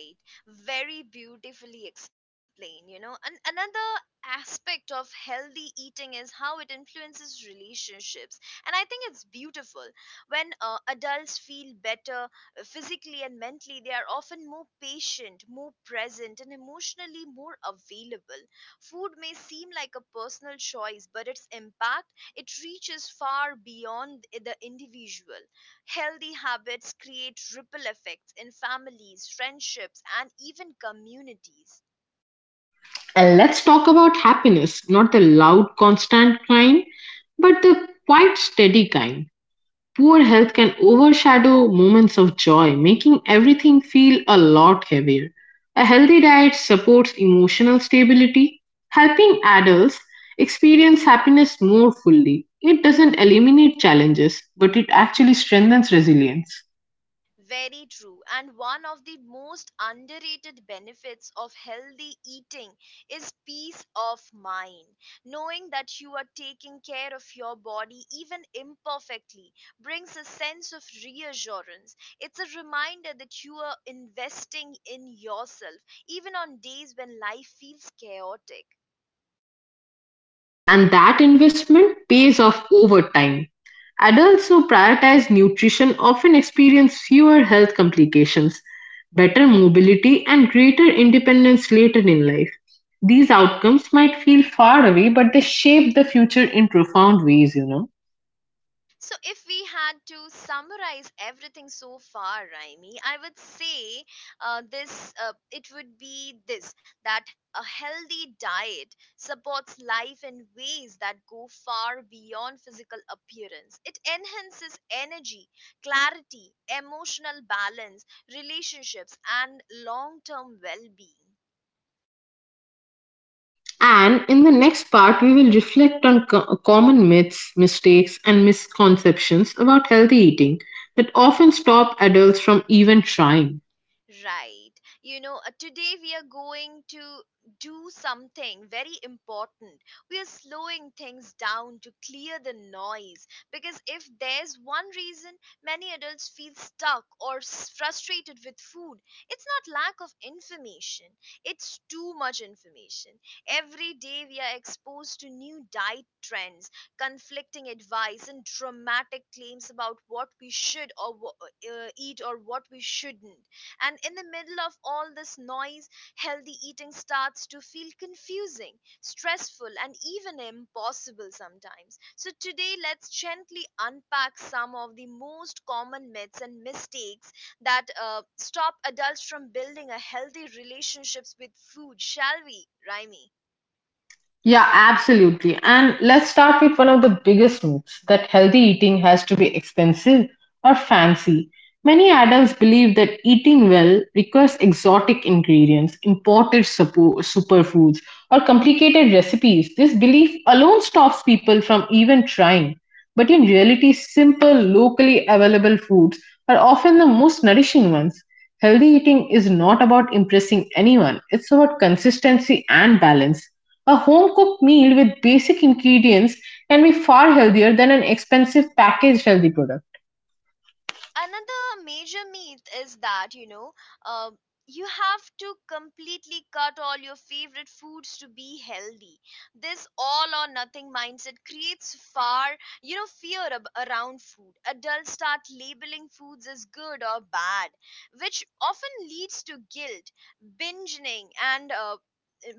Right. Very beautifully explained, you know. And another aspect of healthy eating is how it influences relationships. And I think it's beautiful. When adults feel better physically and mentally, they are often more patient, more present, and emotionally more available. Food may seem like a personal choice, but its impact, it reaches far beyond the individual. Healthy habits create ripple effects in families, friendships, and even communities. And let's talk about happiness, not the loud, constant kind, but the quite steady kind. Poor health can overshadow moments of joy, making everything feel a lot heavier. A healthy diet supports emotional stability, helping adults experience happiness more fully. It doesn't eliminate challenges, but it actually strengthens resilience. Very true. And one of the most underrated benefits of healthy eating is peace of mind. Knowing that you are taking care of your body, even imperfectly, brings a sense of reassurance. It's a reminder that you are investing in yourself, even on days when life feels chaotic. And that investment pays off over time. Adults who prioritize nutrition often experience fewer health complications, better mobility, and greater independence later in life. These outcomes might feel far away, but they shape the future in profound ways, you know. So, if we had to summarize everything so far, Raimi, I would say this it would be this: that a healthy diet supports life in ways that go far beyond physical appearance. It enhances energy, clarity, emotional balance, relationships, and long term well being. And in the next part, we will reflect on common myths, mistakes, and misconceptions about healthy eating that often stop adults from even trying. Right. You know, today we are going to do something very important. We are slowing things down to clear the noise, because if there's one reason many adults feel stuck or frustrated with food, it's not lack of information, it's too much information. Every day we are exposed to new diet trends, conflicting advice, and dramatic claims about what we should or eat or what we shouldn't. And in the middle of all this noise, healthy eating starts to feel confusing, stressful, and even impossible sometimes. So, today, let's gently unpack some of the most common myths and mistakes that stop adults from building a healthy relationships with food, shall we, Raimi? Yeah, absolutely. And let's start with one of the biggest myths, that healthy eating has to be expensive or fancy. Many adults believe that eating well requires exotic ingredients, imported superfoods, or complicated recipes. This belief alone stops people from even trying. But in reality, simple, locally available foods are often the most nourishing ones. Healthy eating is not about impressing anyone, it's about consistency and balance. A home cooked meal with basic ingredients can be far healthier than an expensive packaged healthy product. Another major myth is that, you know, uh, you have to completely cut all your favorite foods to be healthy. This all or nothing mindset creates far, you know, fear around food. Adults start labeling foods as good or bad, which often leads to guilt, binging, and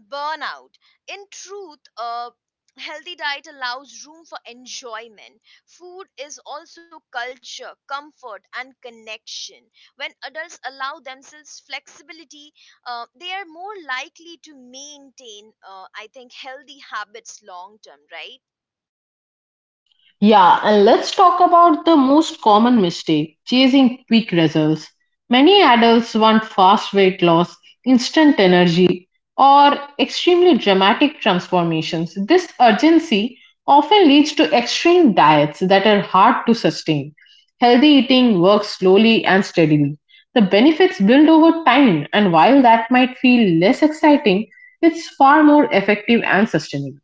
burnout. In truth, a healthy diet allows room for enjoyment. Food is also culture, comfort, and connection. When adults allow themselves flexibility, they are more likely to maintain, I think, healthy habits long term, right? Yeah, and let's talk about the most common mistake: chasing quick results. Many adults want fast weight loss, instant energy, or extremely dramatic transformations. This urgency often leads to extreme diets that are hard to sustain. Healthy eating works slowly and steadily. The benefits build over time, and while that might feel less exciting, it's far more effective and sustainable.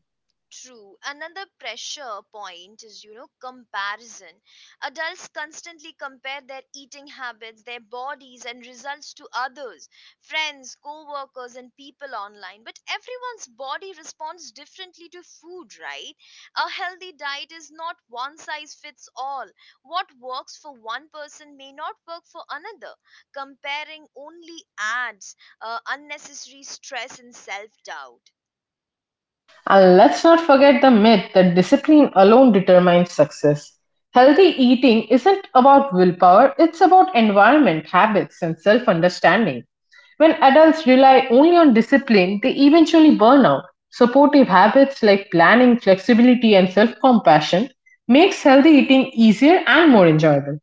True. Another pressure point is, you know, comparison. Adults constantly compare their eating habits, their bodies, and results to others, friends, co workers, and people online. But everyone's body responds differently to food, right? A healthy diet is not one size fits all. What works for one person may not work for another. Comparing only adds unnecessary stress and self doubt. And let's not forget the myth that discipline alone determines success. Healthy eating isn't about willpower, it's about environment, habits, and self understanding. When adults rely only on discipline, they eventually burn out. Supportive habits like planning, flexibility, and self compassion makes healthy eating easier and more enjoyable.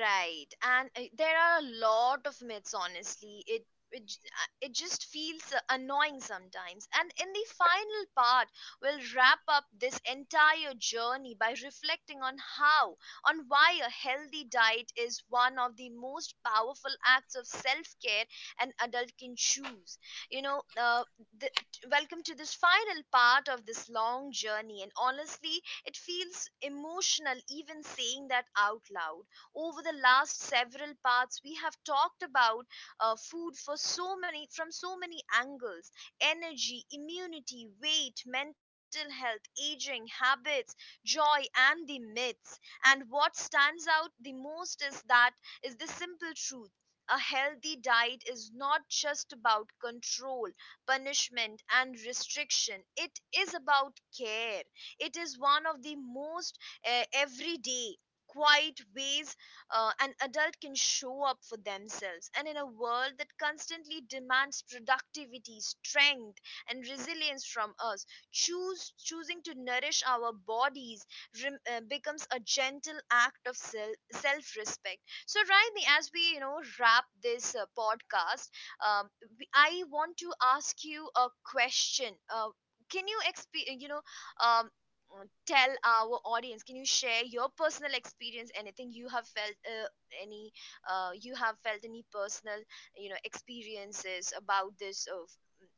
Right, and there are a lot of myths. Honestly, it just feels annoying sometimes. And in the final part, we'll wrap up this entire journey by reflecting on on why a healthy diet is one of the most powerful acts of self care an adult can choose. You know, the, welcome to this final part of this long journey, and honestly, it feels emotional even saying that out loud. Over the last several parts we have talked about food for so many, from so many angles: energy, immunity, weight, mental health, aging, habits, joy, and the myths. And what stands out the most is the simple truth: a healthy diet is not just about control, punishment, and restriction. It is about care. It is one of the most everyday, quiet ways an adult can show up for themselves. And in a world that constantly demands productivity, strength, and resilience from us, choose choosing to nourish our bodies becomes a gentle act of self respect. So, Raimi, as we, you know, wrap this podcast, um, I want to ask you a question. You know, um, tell our audience, can you share your personal experience, anything you have felt, any you have felt any personal, you know, experiences about this of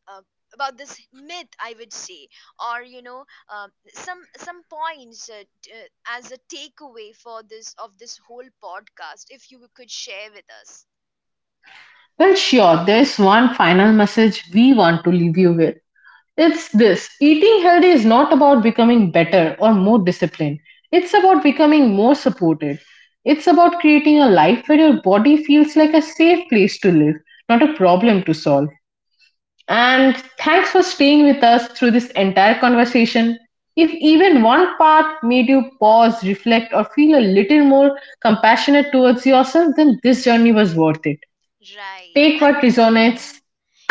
uh, about this myth, I would say, or you know, some points as a takeaway for this of this whole podcast, if you could share with us. Well, sure, there's one final message we want to leave you with. It's this: eating healthy is not about becoming better or more disciplined. It's about becoming more supported. It's about creating a life where your body feels like a safe place to live, not a problem to solve. And thanks for staying with us through this entire conversation. If even one part made you pause, reflect, or feel a little more compassionate towards yourself, then this journey was worth it. Right Take what and resonates, you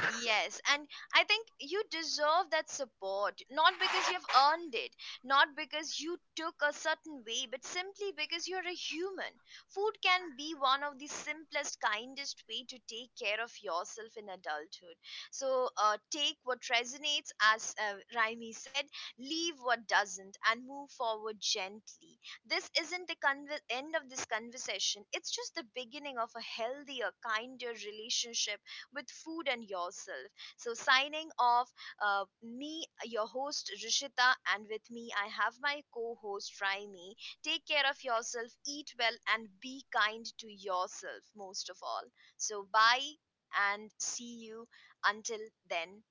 Yes, and I think you deserve that support, not because you've earned it, not because you took a certain way, but simply because you're a human. Food can be one of the simplest, kindest way to take care of yourself in adulthood. So take what resonates, as Raimi said, leave what doesn't, and move forward gently. This isn't the end of this conversation. It's just the beginning of a healthier, kinder relationship with food and yourself. So, signing off, me, your host Rishita, and with me, I have my co host Raimi. Take care of yourself, eat well, and be kind to yourself most of all. So, bye and see you until then.